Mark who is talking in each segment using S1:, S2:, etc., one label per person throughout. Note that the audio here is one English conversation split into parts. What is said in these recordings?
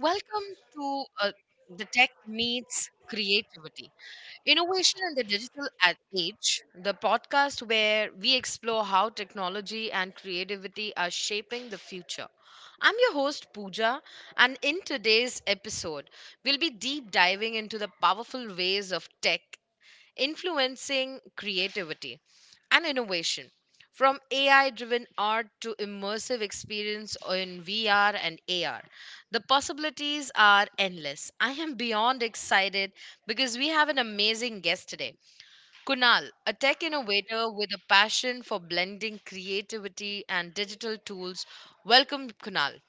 S1: Welcome to the tech meets creativity, innovation in the digital age, the podcast where we explore how technology and creativity are shaping the future. I'm your host, Pooja, and in today's episode, we'll be deep diving into the powerful ways of tech influencing creativity and innovation. From AI driven art to immersive experience in VR and AR, the possibilities are endless. I am beyond excited because we have an amazing guest today. Kunal, a tech innovator with a passion for blending creativity and digital tools. Welcome, Kunal.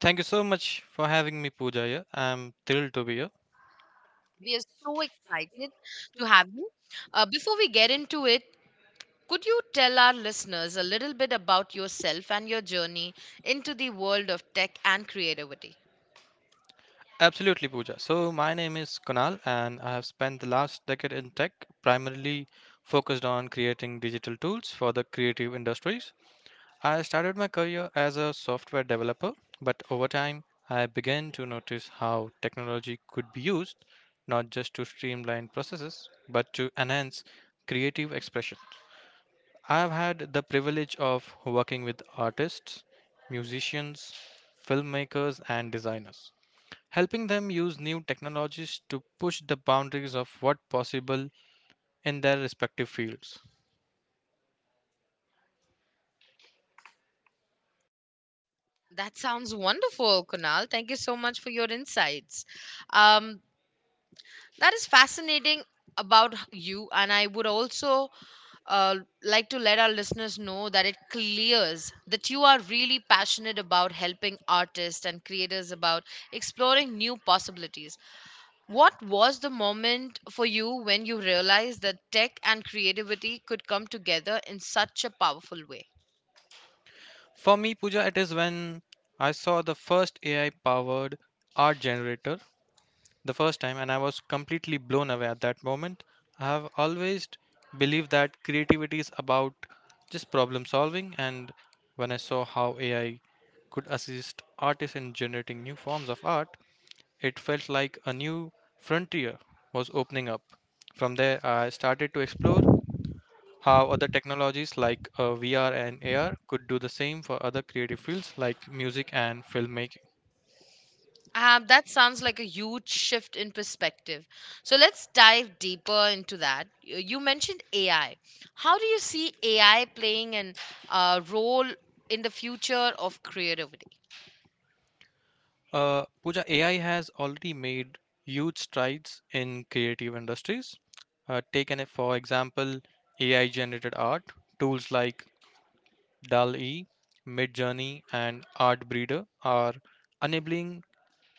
S2: Thank you so much for having me, Pooja. Here. I'm thrilled to be here.
S1: We are so excited to have you. Before we get into it, could you tell our listeners a little bit about yourself and your journey into the world of tech and creativity?
S2: Absolutely, Pooja. So, my name is Kunal, and I have spent the last decade in tech, primarily focused on creating digital tools for the creative industries. I started my career as a software developer, but over time, I began to notice how technology could be used not just to streamline processes, but to enhance creative expression. I have had the privilege of working with artists, musicians, filmmakers, and designers, helping them use new technologies to push the boundaries of what possible in their respective fields.
S1: That sounds wonderful, Kunal. Thank you so much for your insights. Um, that is fascinating about you, and I would also uh, like to let our listeners know that it clears that you are really passionate about helping artists and creators about exploring new possibilities. What was the moment for you when you realized that tech and creativity could come together in such a powerful way?
S2: For me, Pooja, it is when I saw the first AI powered art generator the first time and I was completely blown away at that moment. I have always believed that creativity is about just problem solving and when I saw how AI could assist artists in generating new forms of art, it felt like a new frontier was opening up. From there, I started to explore how other technologies like VR and AR could do the same for other creative fields like music and filmmaking.
S1: That sounds like a huge shift in perspective. So let's dive deeper into that. You mentioned AI. How do you see AI playing an role in the future of creativity?
S2: Pooja, AI has already made huge strides in creative industries. Taken it for example, AI-generated art tools like DALL-E, Midjourney, and Artbreeder are enabling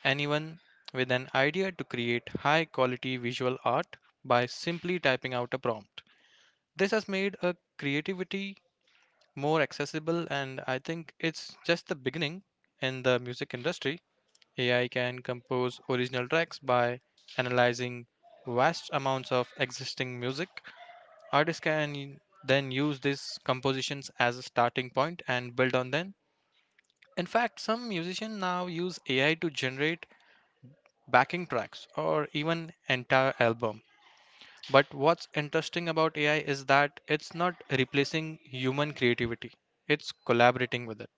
S2: anyone with an idea to create high-quality visual art by simply typing out a prompt. This has made a creativity more accessible, and I think it's just the beginning in the music industry. AI can compose original tracks by analyzing vast amounts of existing music. Artists can then use these compositions as a starting point and build on them. In fact, some musicians now use AI to generate backing tracks or even entire album. But what's interesting about AI is that it's not replacing human creativity. It's collaborating with it.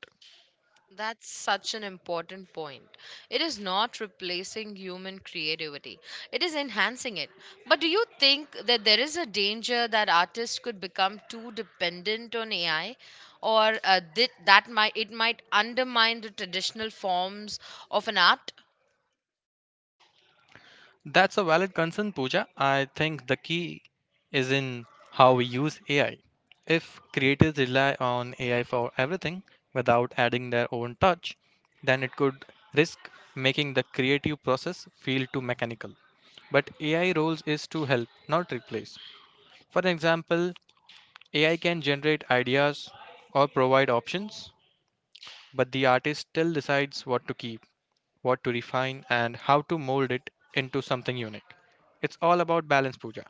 S1: That's such an important point. It is not replacing human creativity, it is enhancing it. But do you think that there is a danger that artists could become too dependent on AI? Or that might it might undermine the traditional forms of an art?
S2: That's a valid concern, Pooja. I think the key is in how we use AI. If creators rely on AI for everything without adding their own touch, then it could risk making the creative process feel too mechanical. But AI roles is to help, not replace. For example, AI can generate ideas or provide options, but the artist still decides what to keep, what to refine, and how to mold it into something unique. It's all about balance, Pooja.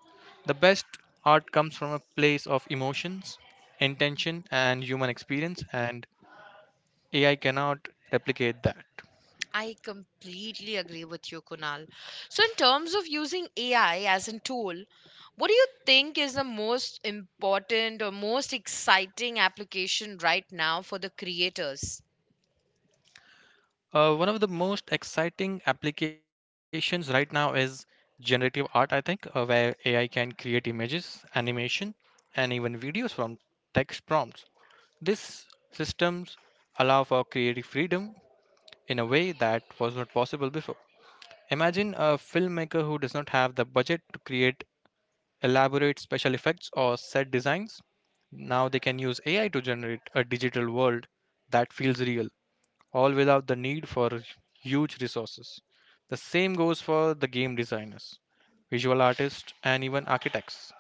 S2: The best art comes from a place of emotions, intention, and human experience, and AI cannot replicate that.
S1: I completely agree with you, Kunal. So, in terms of using AI as a tool, what do you think is the most important or most exciting application right now for the creators?
S2: One of the most exciting applications right now is generative art, I think, where AI can create images, animation, and even videos from text prompts. These systems allow for creative freedom in a way that was not possible before. Imagine a filmmaker who does not have the budget to create elaborate special effects or set designs. Now they can use AI to generate a digital world that feels real all without the need for huge resources. The same goes for the game designers, visual artists, and even architects.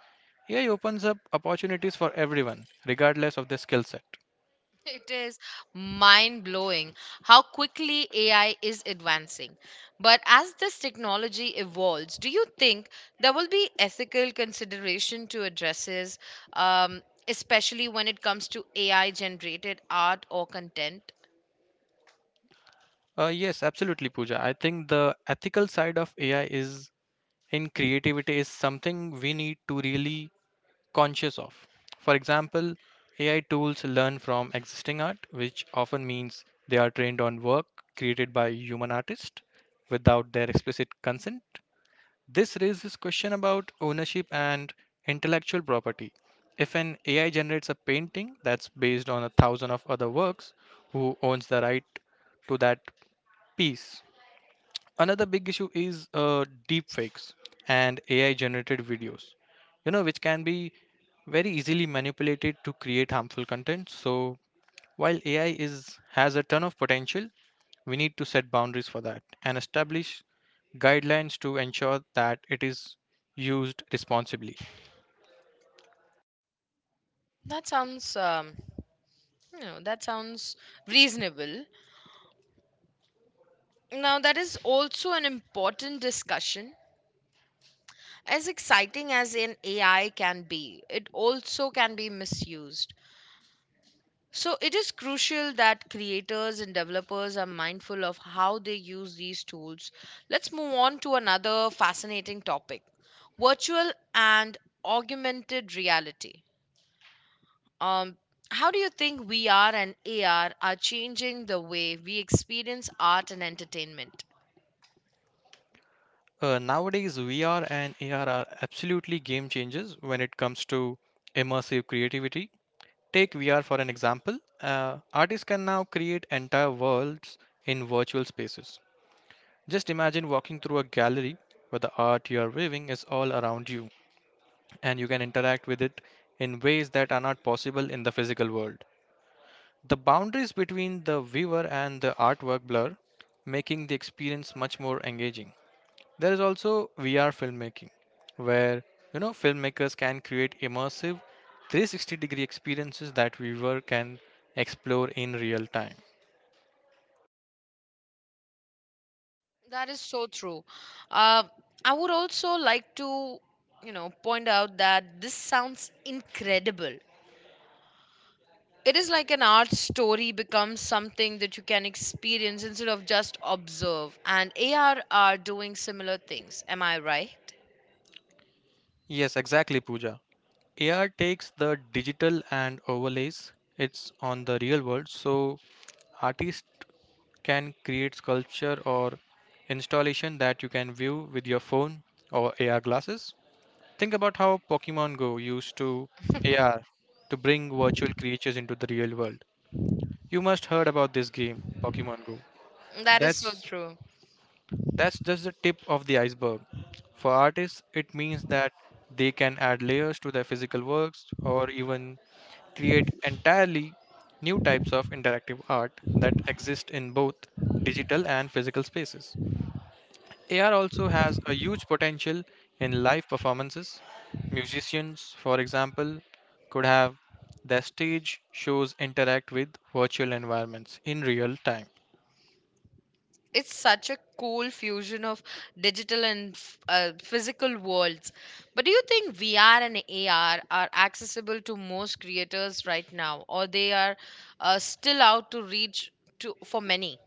S2: AI opens up opportunities for everyone, regardless of their skill set.
S1: It is mind blowing how quickly AI is advancing. But as this technology evolves, do you think there will be ethical consideration to addresses, especially when it comes to AI generated art or content?
S2: Yes, absolutely, Pooja. I think the ethical side of AI is in creativity is something we need to really conscious of. For example, AI tools learn from existing art, which often means they are trained on work created by human artists without their explicit consent. This raises question about ownership and intellectual property. If an AI generates a painting that's based on a thousand of other works, who owns the right to that piece? Another big issue is deep fakes and AI generated videos, which can be very easily manipulated to create harmful content. So while AI is has a ton of potential, we need to set boundaries for that and establish guidelines to ensure that it is used responsibly.
S1: That sounds, that sounds reasonable. Now, that is also an important discussion. As exciting as an AI can be, it also can be misused. So, it is crucial that creators and developers are mindful of how they use these tools. Let's move on to another fascinating topic, virtual and augmented reality. Um, how do you think VR and AR are changing the way we experience art and entertainment?
S2: Nowadays, VR and AR are absolutely game changers when it comes to immersive creativity. Take VR for an example. Artists can now create entire worlds in virtual spaces. Just imagine walking through a gallery where the art you are viewing is all around you, and you can interact with it in ways that are not possible in the physical world. The boundaries between the viewer and the artwork blur, making the experience much more engaging. There is also VR filmmaking, where filmmakers can create immersive 360 degree experiences that viewer can explore in real time.
S1: That is so true. Uh, I would also like to, you know, point out that this sounds incredible. It is like an art story becomes something that you can experience instead of just observe. And AR are doing similar things. Am I right?
S2: Yes, exactly, Pooja. AR takes the digital and overlays it's on the real world, so artists can create sculpture or installation that you can view with your phone or AR glasses. Think about how Pokemon Go used to AR to bring virtual creatures into the real world. You must heard about this game, Pokemon Go.
S1: That is so
S2: That's
S1: true.
S2: that's just the tip of the iceberg. For artists, it means that they can add layers to their physical works or even create entirely new types of interactive art that exist in both digital and physical spaces. AR also has a huge potential in live performances. Musicians, for example, could have their stage shows interact with virtual environments in real time.
S1: It's such a cool fusion of digital and physical worlds. But do you think VR and AR are accessible to most creators right now, or they are still out to reach to for many?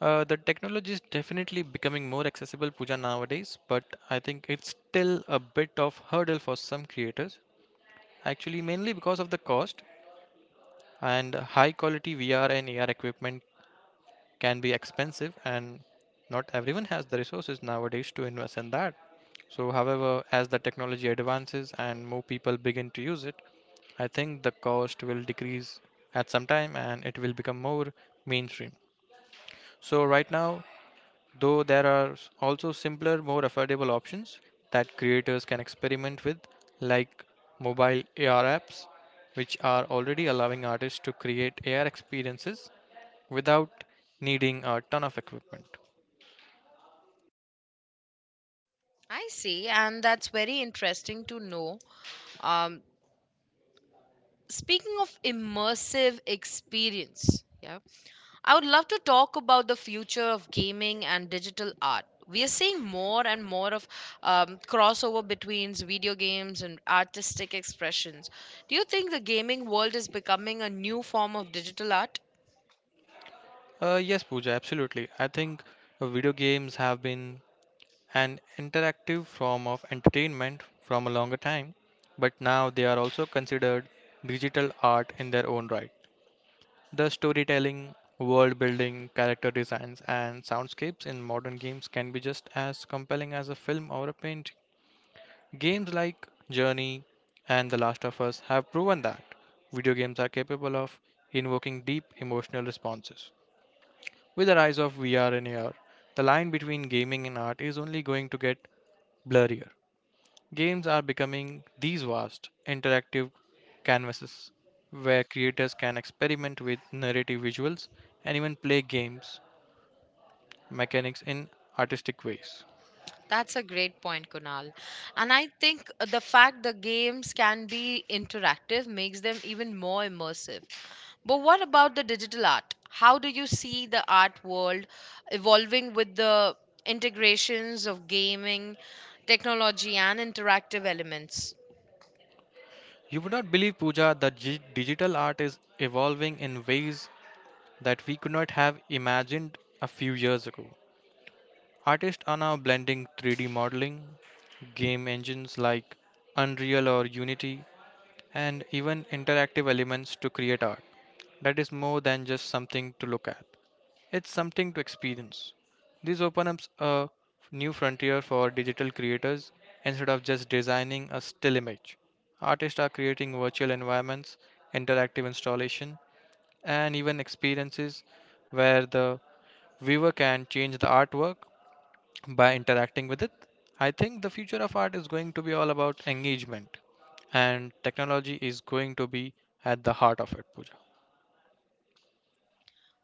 S2: The technology is definitely becoming more accessible, Pooja, nowadays, but I think it's still a bit of hurdle for some creators. Actually, mainly because of the cost and high quality VR and AR equipment can be expensive, and not everyone has the resources nowadays to invest in that. So, however, as the technology advances and more people begin to use it, I think the cost will decrease at some time and it will become more mainstream. So, right now, though there are also simpler, more affordable options that creators can experiment with, like mobile AR apps, which are already allowing artists to create AR experiences without needing a ton of equipment.
S1: I see, and that's very interesting to know. Um, Speaking of immersive experience, yeah, I would love to talk about the future of gaming and digital art. We are seeing more and more of crossover between video games and artistic expressions. Do you think the gaming world is becoming a new form of digital art?
S2: Yes, Pooja, absolutely. I think video games have been an interactive form of entertainment from a longer time, but now they are also considered digital art in their own right. The storytelling, world building, character designs, and soundscapes in modern games can be just as compelling as a film or a painting. Games like Journey and The Last of Us have proven that video games are capable of invoking deep emotional responses. With the rise of VR and AR, the line between gaming and art is only going to get blurrier. Games are becoming these vast, interactive canvases where creators can experiment with narrative visuals and even play games mechanics in artistic ways.
S1: That's a great point, Kunal. And I think the fact the games can be interactive makes them even more immersive. But what about the digital art? How do you see the art world evolving with the integrations of gaming, technology, and interactive elements?
S2: You would not believe, Pooja, that digital art is evolving in ways that we could not have imagined a few years ago. Artists are now blending 3D modeling, game engines like Unreal or Unity, and even interactive elements to create art that is more than just something to look at. It's something to experience. This opens up a new frontier for digital creators instead of just designing a still image. Artists are creating virtual environments, interactive installation, and even experiences where the viewer can change the artwork by interacting with it. I think the future of art is going to be all about engagement and technology is going to be at the heart of it, Pooja.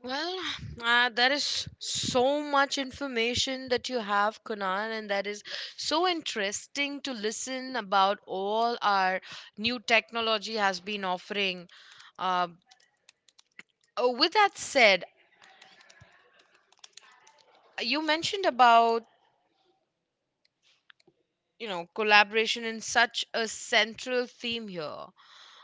S1: Well, that is so much information that you have, Kunal, and that is so interesting to listen about all our new technology has been offering. Uh, oh, with that said, you mentioned about you know collaboration in such a central theme here,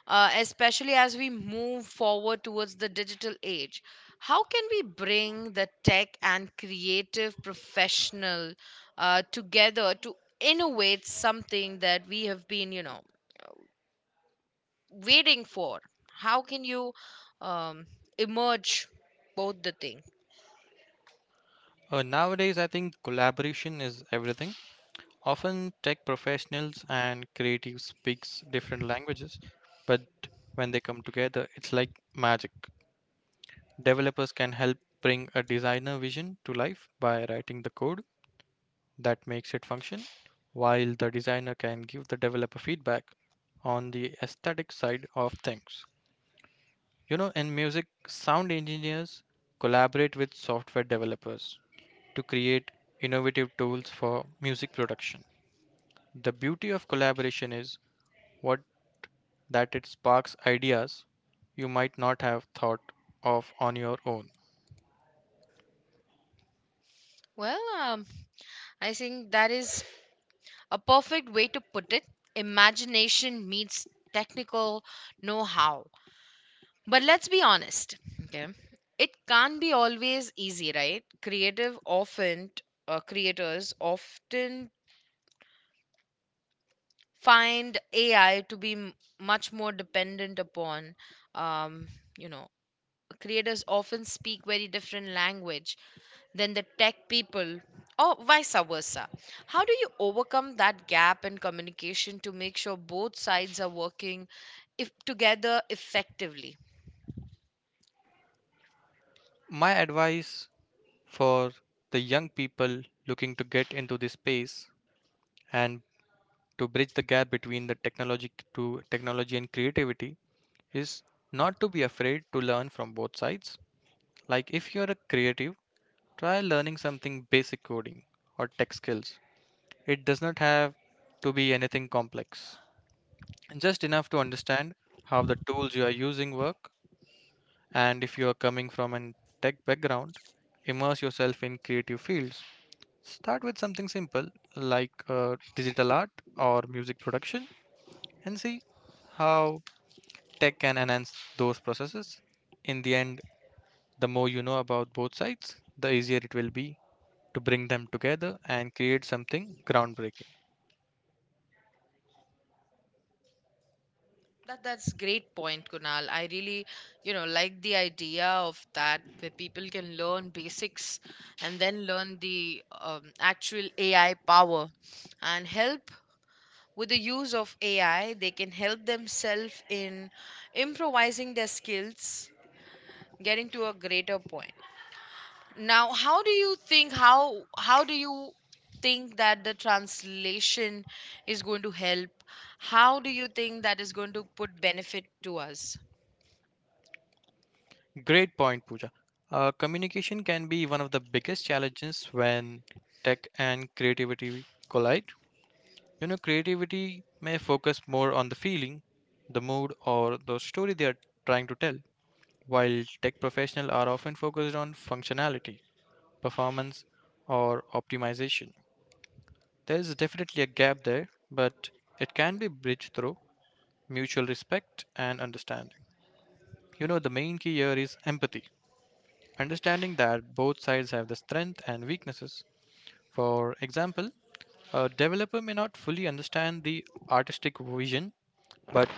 S1: especially as we move forward towards the digital age. How can we bring the tech and creative professional together to innovate something that we have been, you know, waiting for? How can you um, emerge both the thing?
S2: Nowadays, I think collaboration is everything. Often, tech professionals and creatives speaks different languages, but when they come together, it's like magic. Developers can help bring a designer vision to life by writing the code that makes it function, while the designer can give the developer feedback on the aesthetic side of things. In music, sound engineers collaborate with software developers to create innovative tools for music production. The beauty of collaboration is what that it sparks ideas you might not have thought of on your own.
S1: Well, I think that is a perfect way to put it. Imagination meets technical know how. But let's be honest, okay? It can't be always easy, right? Creators often find AI to be much more dependent upon, um, you know, creators often speak very different language than the tech people or vice versa. How do you overcome that gap in communication to make sure both sides are working if together effectively?
S2: My advice for the young people looking to get into this space and to bridge the gap between the technology to technology and creativity is not to be afraid to learn from both sides. Like if you're a creative, try learning something basic coding or tech skills. It does not have to be anything complex, just enough to understand how the tools you are using work. And if you are coming from a tech background, immerse yourself in creative fields. Start with something simple like digital art or music production and see how tech can enhance those processes. In the end, the more you know about both sides, the easier it will be to bring them together and create something groundbreaking.
S1: That's great point, Kunal. I really, you know, like the idea of that where people can learn basics and then learn the actual AI power and help with the use of AI. They can help themselves in improvising their skills, getting to a greater point. Now, how do you think how do you think that the translation is going to help? How do you think that is going to put benefit to us?
S2: Great point, Pooja. Communication can be one of the biggest challenges when tech and creativity collide. Creativity may focus more on the feeling, the mood, or the story they are trying to tell, while tech professionals are often focused on functionality, performance, or optimization. There is definitely a gap there, but it can be bridged through mutual respect and understanding. The main key here is empathy. Understanding that both sides have the strength and weaknesses. For example, a developer may not fully understand the artistic vision, but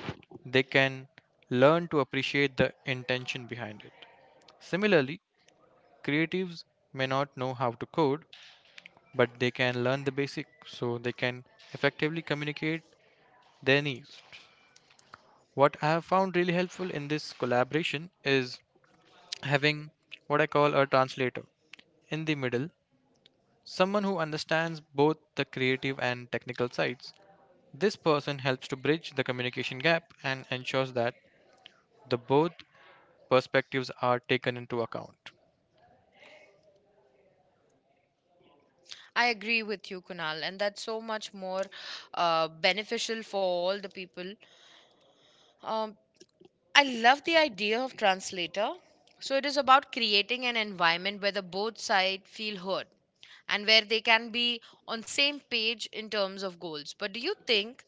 S2: they can learn to appreciate the intention behind it. Similarly, creatives may not know how to code, but they can learn the basic so they can effectively communicate their needs. What I have found really helpful in this collaboration is having what I call a translator in the middle, someone who understands both the creative and technical sides. This person helps to bridge the communication gap and ensures that the both perspectives are taken into account.
S1: I agree with you, Kunal, and that's so much more beneficial for all the people. Um, I love the idea of translator. So it is about creating an environment where the both sides feel heard and where they can be on same page in terms of goals. But do you think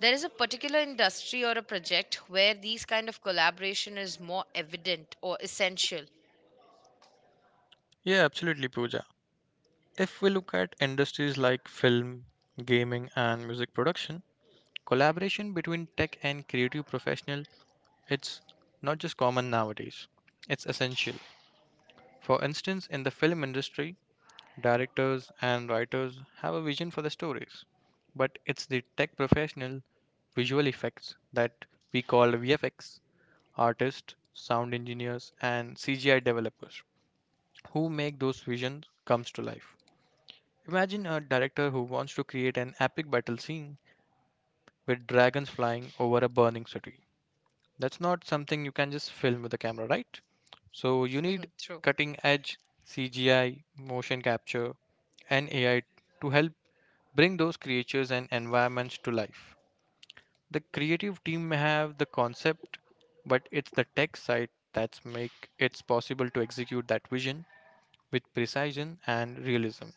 S1: there is a particular industry or a project where these kind of collaboration is more evident or essential?
S2: Yeah, absolutely, Pooja. If we look at industries like film, gaming, and music production, collaboration between tech and creative professional, it's not just common nowadays. It's essential. For instance, in the film industry, directors and writers have a vision for the stories, but it's the tech professional, visual effects that we call VFX artists, sound engineers, and CGI developers who make those visions comes to life. Imagine a director who wants to create an epic battle scene with dragons flying over a burning city. That's not something you can just film with a camera, right? So you need
S1: True.
S2: cutting edge CGI, motion capture, and AI to help bring those creatures and environments to life. The creative team may have the concept, but it's the tech side that's make it's possible to execute that vision with precision and realism.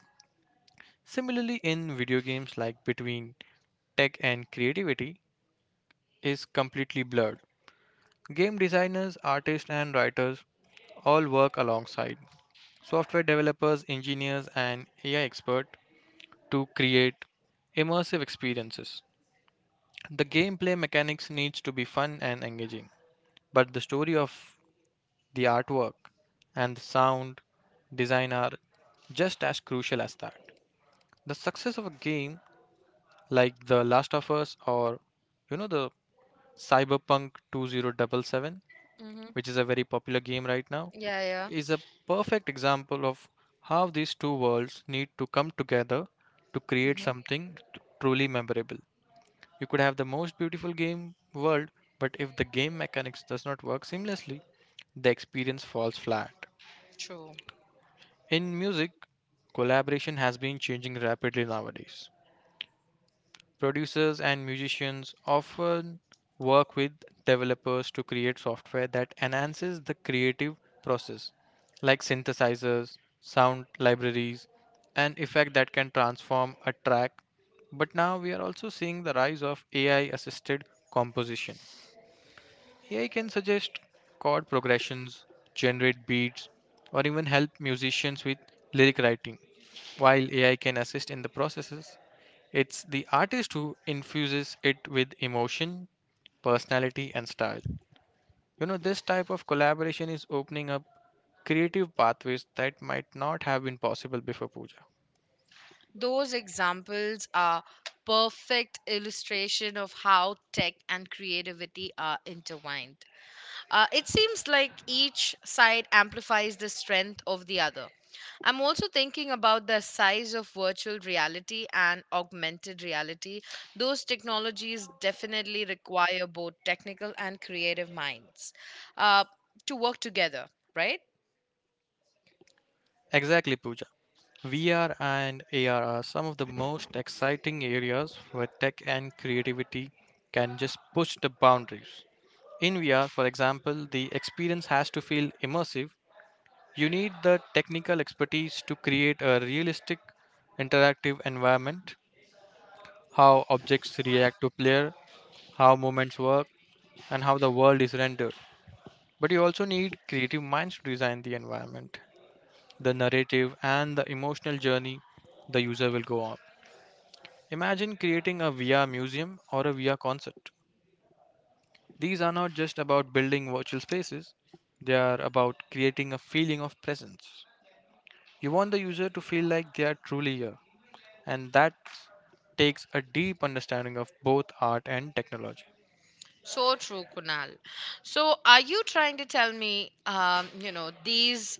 S2: Similarly, in video games, like between tech and creativity is completely blurred. Game designers, artists, and writers all work alongside software developers, engineers, and AI expert to create immersive experiences. The gameplay mechanics needs to be fun and engaging, but the story of the artwork and the sound design are just as crucial as that. The success of a game like The Last of Us or the Cyberpunk 2077,
S1: Hmm.
S2: which is a very popular game right now,
S1: Yeah, yeah.
S2: is a perfect example of how these two worlds need to come together to create
S1: Hmm.
S2: something truly memorable. You could have the most beautiful game world, but if the game mechanics does not work seamlessly, the experience falls flat.
S1: True.
S2: In music, collaboration has been changing rapidly nowadays. Producers and musicians often work with developers to create software that enhances the creative process, like synthesizers, sound libraries, and effect that can transform a track. But now we are also seeing the rise of AI assisted composition. AI can suggest chord progressions, generate beats, or even help musicians with lyric writing. While AI can assist in the processes, it's the artist who infuses it with emotion, personality, and style. This type of collaboration is opening up creative pathways that might not have been possible before, Pooja.
S1: Those examples are perfect illustration of how tech and creativity are intertwined. It seems like each side amplifies the strength of the other. I'm also thinking about the size of virtual reality and augmented reality. Those technologies definitely require both technical and creative minds uh, to work together, right?
S2: Exactly, Pooja. VR and AR are some of the most exciting areas where tech and creativity can just push the boundaries. In VR, for example, the experience has to feel immersive. You need the technical expertise to create a realistic interactive environment, how objects react to player, how movements work, and how the world is rendered. But you also need creative minds to design the environment, the narrative, and the emotional journey the user will go on. Imagine creating a VR museum or a VR concert. These are not just about building virtual spaces, they are about creating a feeling of presence. You want the user to feel like they are truly here, and that takes a deep understanding of both art and technology.
S1: So true, Kunal. So, are you trying to tell me, these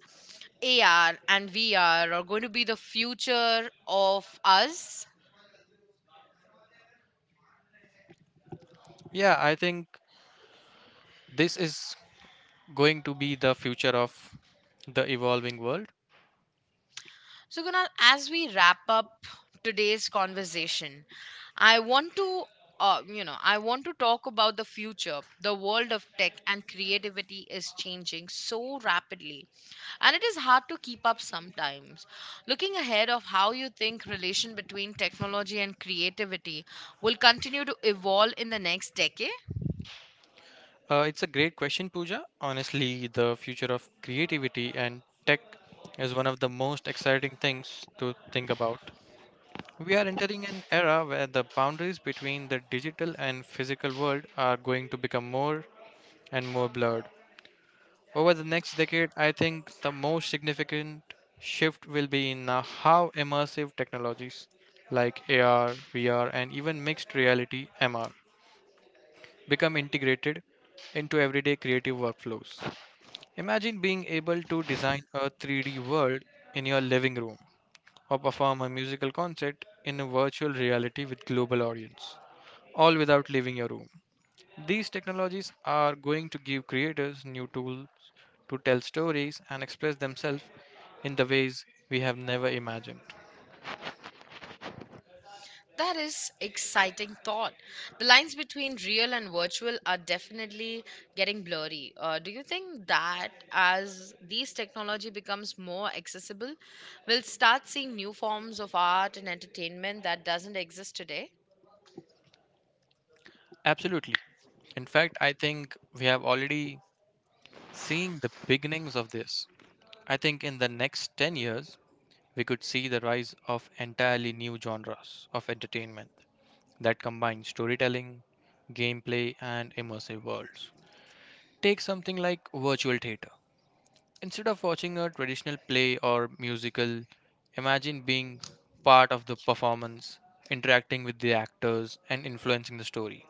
S1: AR and VR are going to be the future of us?
S2: Yeah, I think this is going to be the future of the evolving world.
S1: So, Kunal, as we wrap up today's conversation, I want to, I want to talk about the future. The world of tech and creativity is changing so rapidly, and it is hard to keep up sometimes. Looking ahead of how you think relation between technology and creativity will continue to evolve in the next decade.
S2: It's a great question, Pooja. Honestly, the future of creativity and tech is one of the most exciting things to think about. We are entering an era where the boundaries between the digital and physical world are going to become more and more blurred. Over the next decade, I think the most significant shift will be in how immersive technologies like AR, VR, and even mixed reality MR become integrated into everyday creative workflows. Imagine being able to design a 3D world in your living room or perform a musical concert in a virtual reality with global audience, all without leaving your room. These technologies are going to give creators new tools to tell stories and express themselves in the ways we have never imagined.
S1: That is exciting thought. The lines between real and virtual are definitely getting blurry. Do you think that as these technology becomes more accessible, we'll start seeing new forms of art and entertainment that doesn't exist today?
S2: Absolutely. In fact, I think we have already seen the beginnings of this. I think in the next 10 years, we could see the rise of entirely new genres of entertainment that combine storytelling, gameplay, and immersive worlds. Take something like virtual theater. Instead of watching a traditional play or musical, imagine being part of the performance, interacting with the actors, and influencing the story.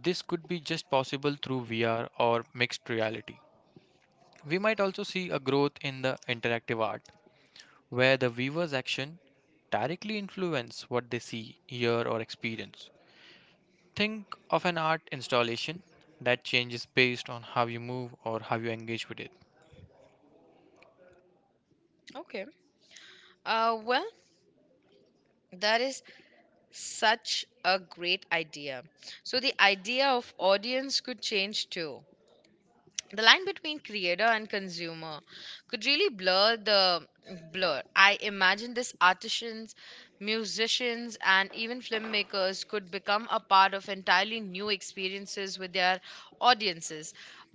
S2: This could be just possible through VR or mixed reality. We might also see a growth in the interactive art where the viewer's action directly influence what they see, hear, or experience. Think of an art installation that changes based on how you move or how you engage with it.
S1: Okay. Well, that is such a great idea. So the idea of audience could change too. The line between creator and consumer could really blur. I imagine this artisans, musicians and even filmmakers could become a part of entirely new experiences with their audiences.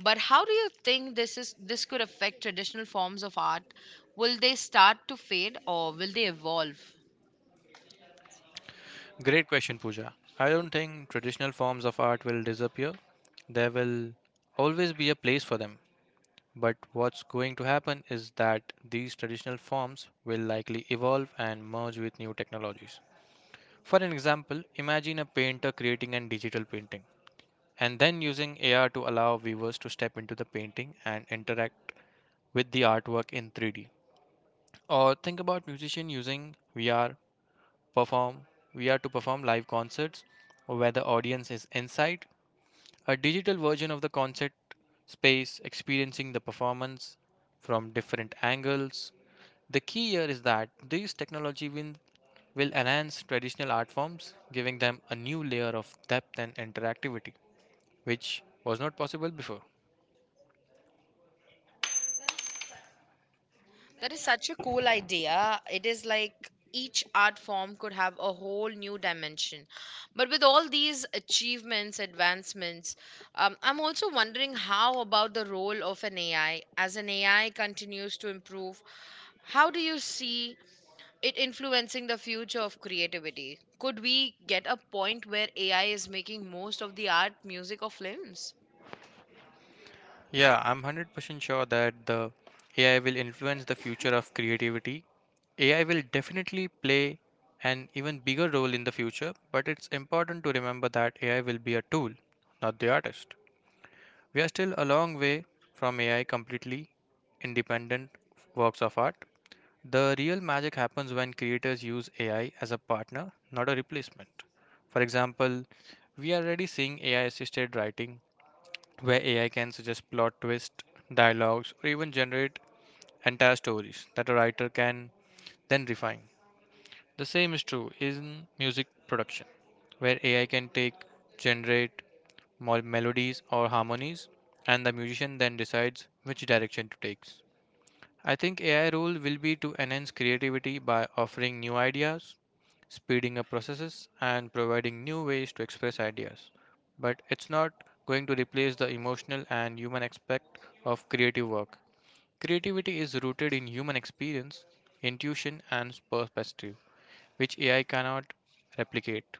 S1: But how do you think this could affect traditional forms of art? Will they start to fade or will they evolve?
S2: Great question, Pooja. I don't think traditional forms of art will disappear. There will always be a place for them. But what's going to happen is that these traditional forms will likely evolve and merge with new technologies. For an example, imagine a painter creating a digital painting, and then using AR to allow viewers to step into the painting and interact with the artwork in 3D. Or think about musician using VR perform VR to perform live concerts where the audience is inside a digital version of the concert space, experiencing the performance from different angles. The key here is that these technology will enhance traditional art forms, giving them a new layer of depth and interactivity, which was not possible before.
S1: That is such a cool idea. It is like each art form could have a whole new dimension. But with all these achievements, advancements, I'm also wondering how about the role of an AI? As an AI continues to improve, how do you see it influencing the future of creativity? Could we get a point where AI is making most of the art, music, or films?
S2: Yeah, I'm 100% sure that the AI will influence the future of creativity. AI will definitely play an even bigger role in the future, but it's important to remember that AI will be a tool, not the artist. We are still a long way from AI completely independent works of art. The real magic happens when creators use AI as a partner, not a replacement. For example, we are already seeing AI assisted writing where AI can suggest plot twists, dialogues, or even generate entire stories that a writer can then refine. The same is true in music production, where AI can take, generate melodies or harmonies, and the musician then decides which direction to take. I think AI role will be to enhance creativity by offering new ideas, speeding up processes, and providing new ways to express ideas. But it's not going to replace the emotional and human aspect of creative work. Creativity is rooted in human experience, intuition, and perspective, which AI cannot replicate.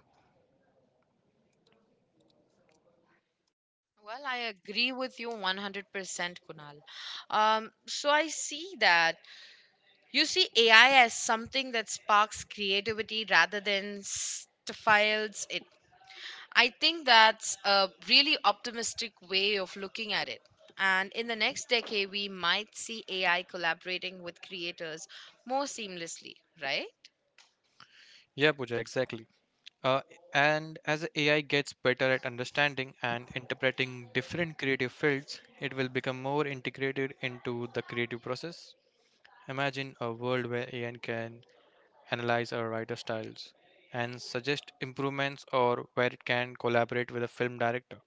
S1: Well, I agree with you 100%, Kunal. So I see that you see AI as something that sparks creativity rather than stifles it. I think that's a really optimistic way of looking at it. And in the next decade, we might see AI collaborating with creators more seamlessly, right?
S2: Yeah, Pooja, exactly. Uh, and as AI gets better at understanding and interpreting different creative fields, it will become more integrated into the creative process. Imagine a world where AI can analyze a writer's styles and suggest improvements, or where it can collaborate with a film director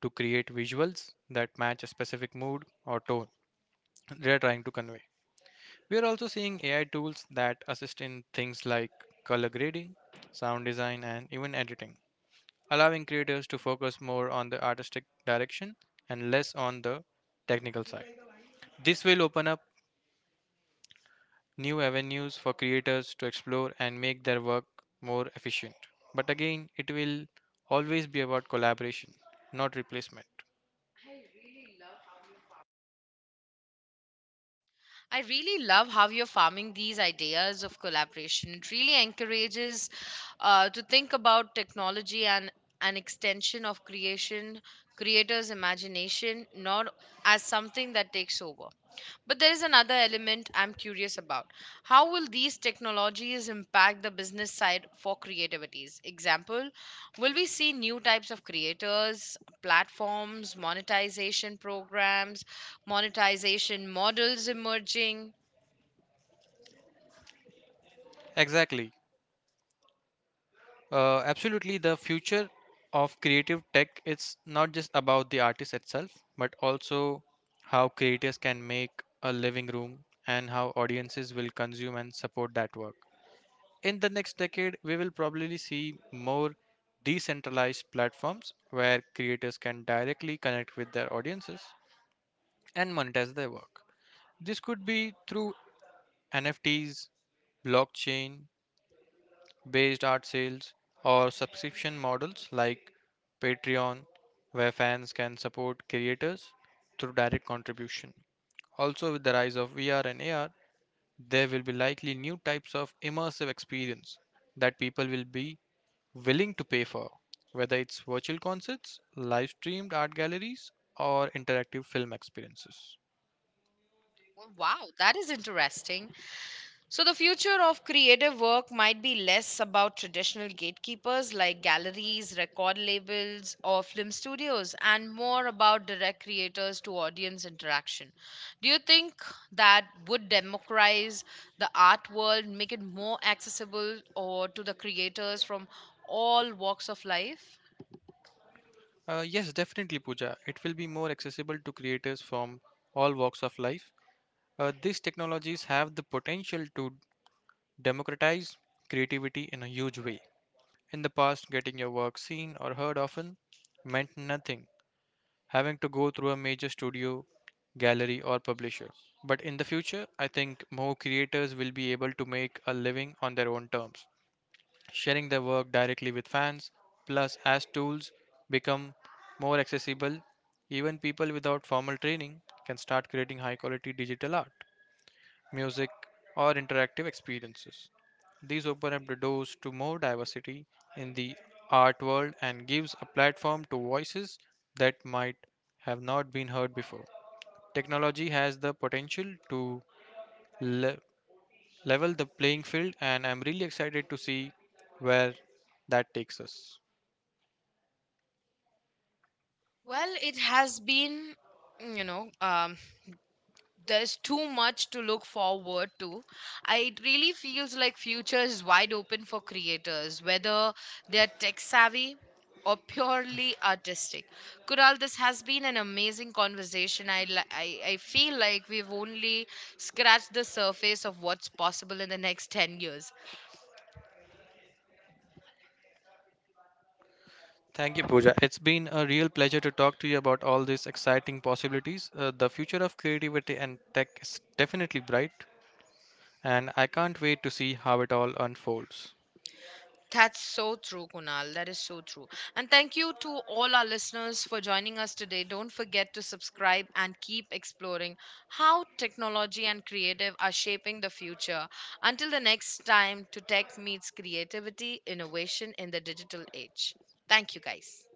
S2: to create visuals that match a specific mood or tone they are trying to convey. We are also seeing AI tools that assist in things like color grading, sound design, and even editing, allowing creators to focus more on the artistic direction and less on the technical side. This will open up new avenues for creators to explore and make their work more efficient. But again, it will always be about collaboration, not replacement.
S1: I really love how you're farming these ideas of collaboration. It really encourages to think about technology and an extension of creation, creators' imagination, not as something that takes over. But there is another element I'm curious about. How will these technologies impact the business side for creativities? Example, will we see new types of creators, platforms, monetization models emerging?
S2: Exactly. Absolutely, the future of creative tech is not just about the artist itself, but also how creators can make a living room and how audiences will consume and support that work. In the next decade, we will probably see more decentralized platforms where creators can directly connect with their audiences and monetize their work. This could be through NFTs, blockchain based art sales, or subscription models like Patreon, where fans can support creators through direct contribution. Also, with the rise of VR and AR, there will be likely new types of immersive experience that people will be willing to pay for, whether it's virtual concerts, live streamed art galleries, or interactive film experiences.
S1: Well, wow, that is interesting. So, the future of creative work might be less about traditional gatekeepers like galleries, record labels, or film studios, and more about direct creators to audience interaction. Do you think that would democratize the art world, make it more accessible or to the creators from all walks of life?
S2: Yes, definitely, Pooja. It will be more accessible to creators from all walks of life. These technologies have the potential to democratize creativity in a huge way. In the past, getting your work seen or heard often meant nothing, having to go through a major studio, gallery, or publisher. But in the future, I think more creators will be able to make a living on their own terms, sharing their work directly with fans. Plus, as tools become more accessible, even people without formal training can start creating high quality digital art, music, or interactive experiences. These open up the doors to more diversity in the art world and gives a platform to voices that might have not been heard before. Technology has the potential to le- level the playing field and I'm really excited to see where that takes us.
S1: Well, it has been, you know, um, there's too much to look forward to. It really feels like future is wide open for creators whether they're tech savvy or purely artistic. Kural, this has been an amazing conversation. I feel like we've only scratched the surface of what's possible in the next 10 years.
S2: Thank you, Pooja. It's been a real pleasure to talk to you about all these exciting possibilities. The future of creativity and tech is definitely bright, and I can't wait to see how it all unfolds.
S1: That's so true, Kunal. That is so true. And thank you to all our listeners for joining us today. Don't forget to subscribe and keep exploring how technology and creative are shaping the future. Until the next time, to tech meets creativity, innovation in the digital age. Thank you, guys.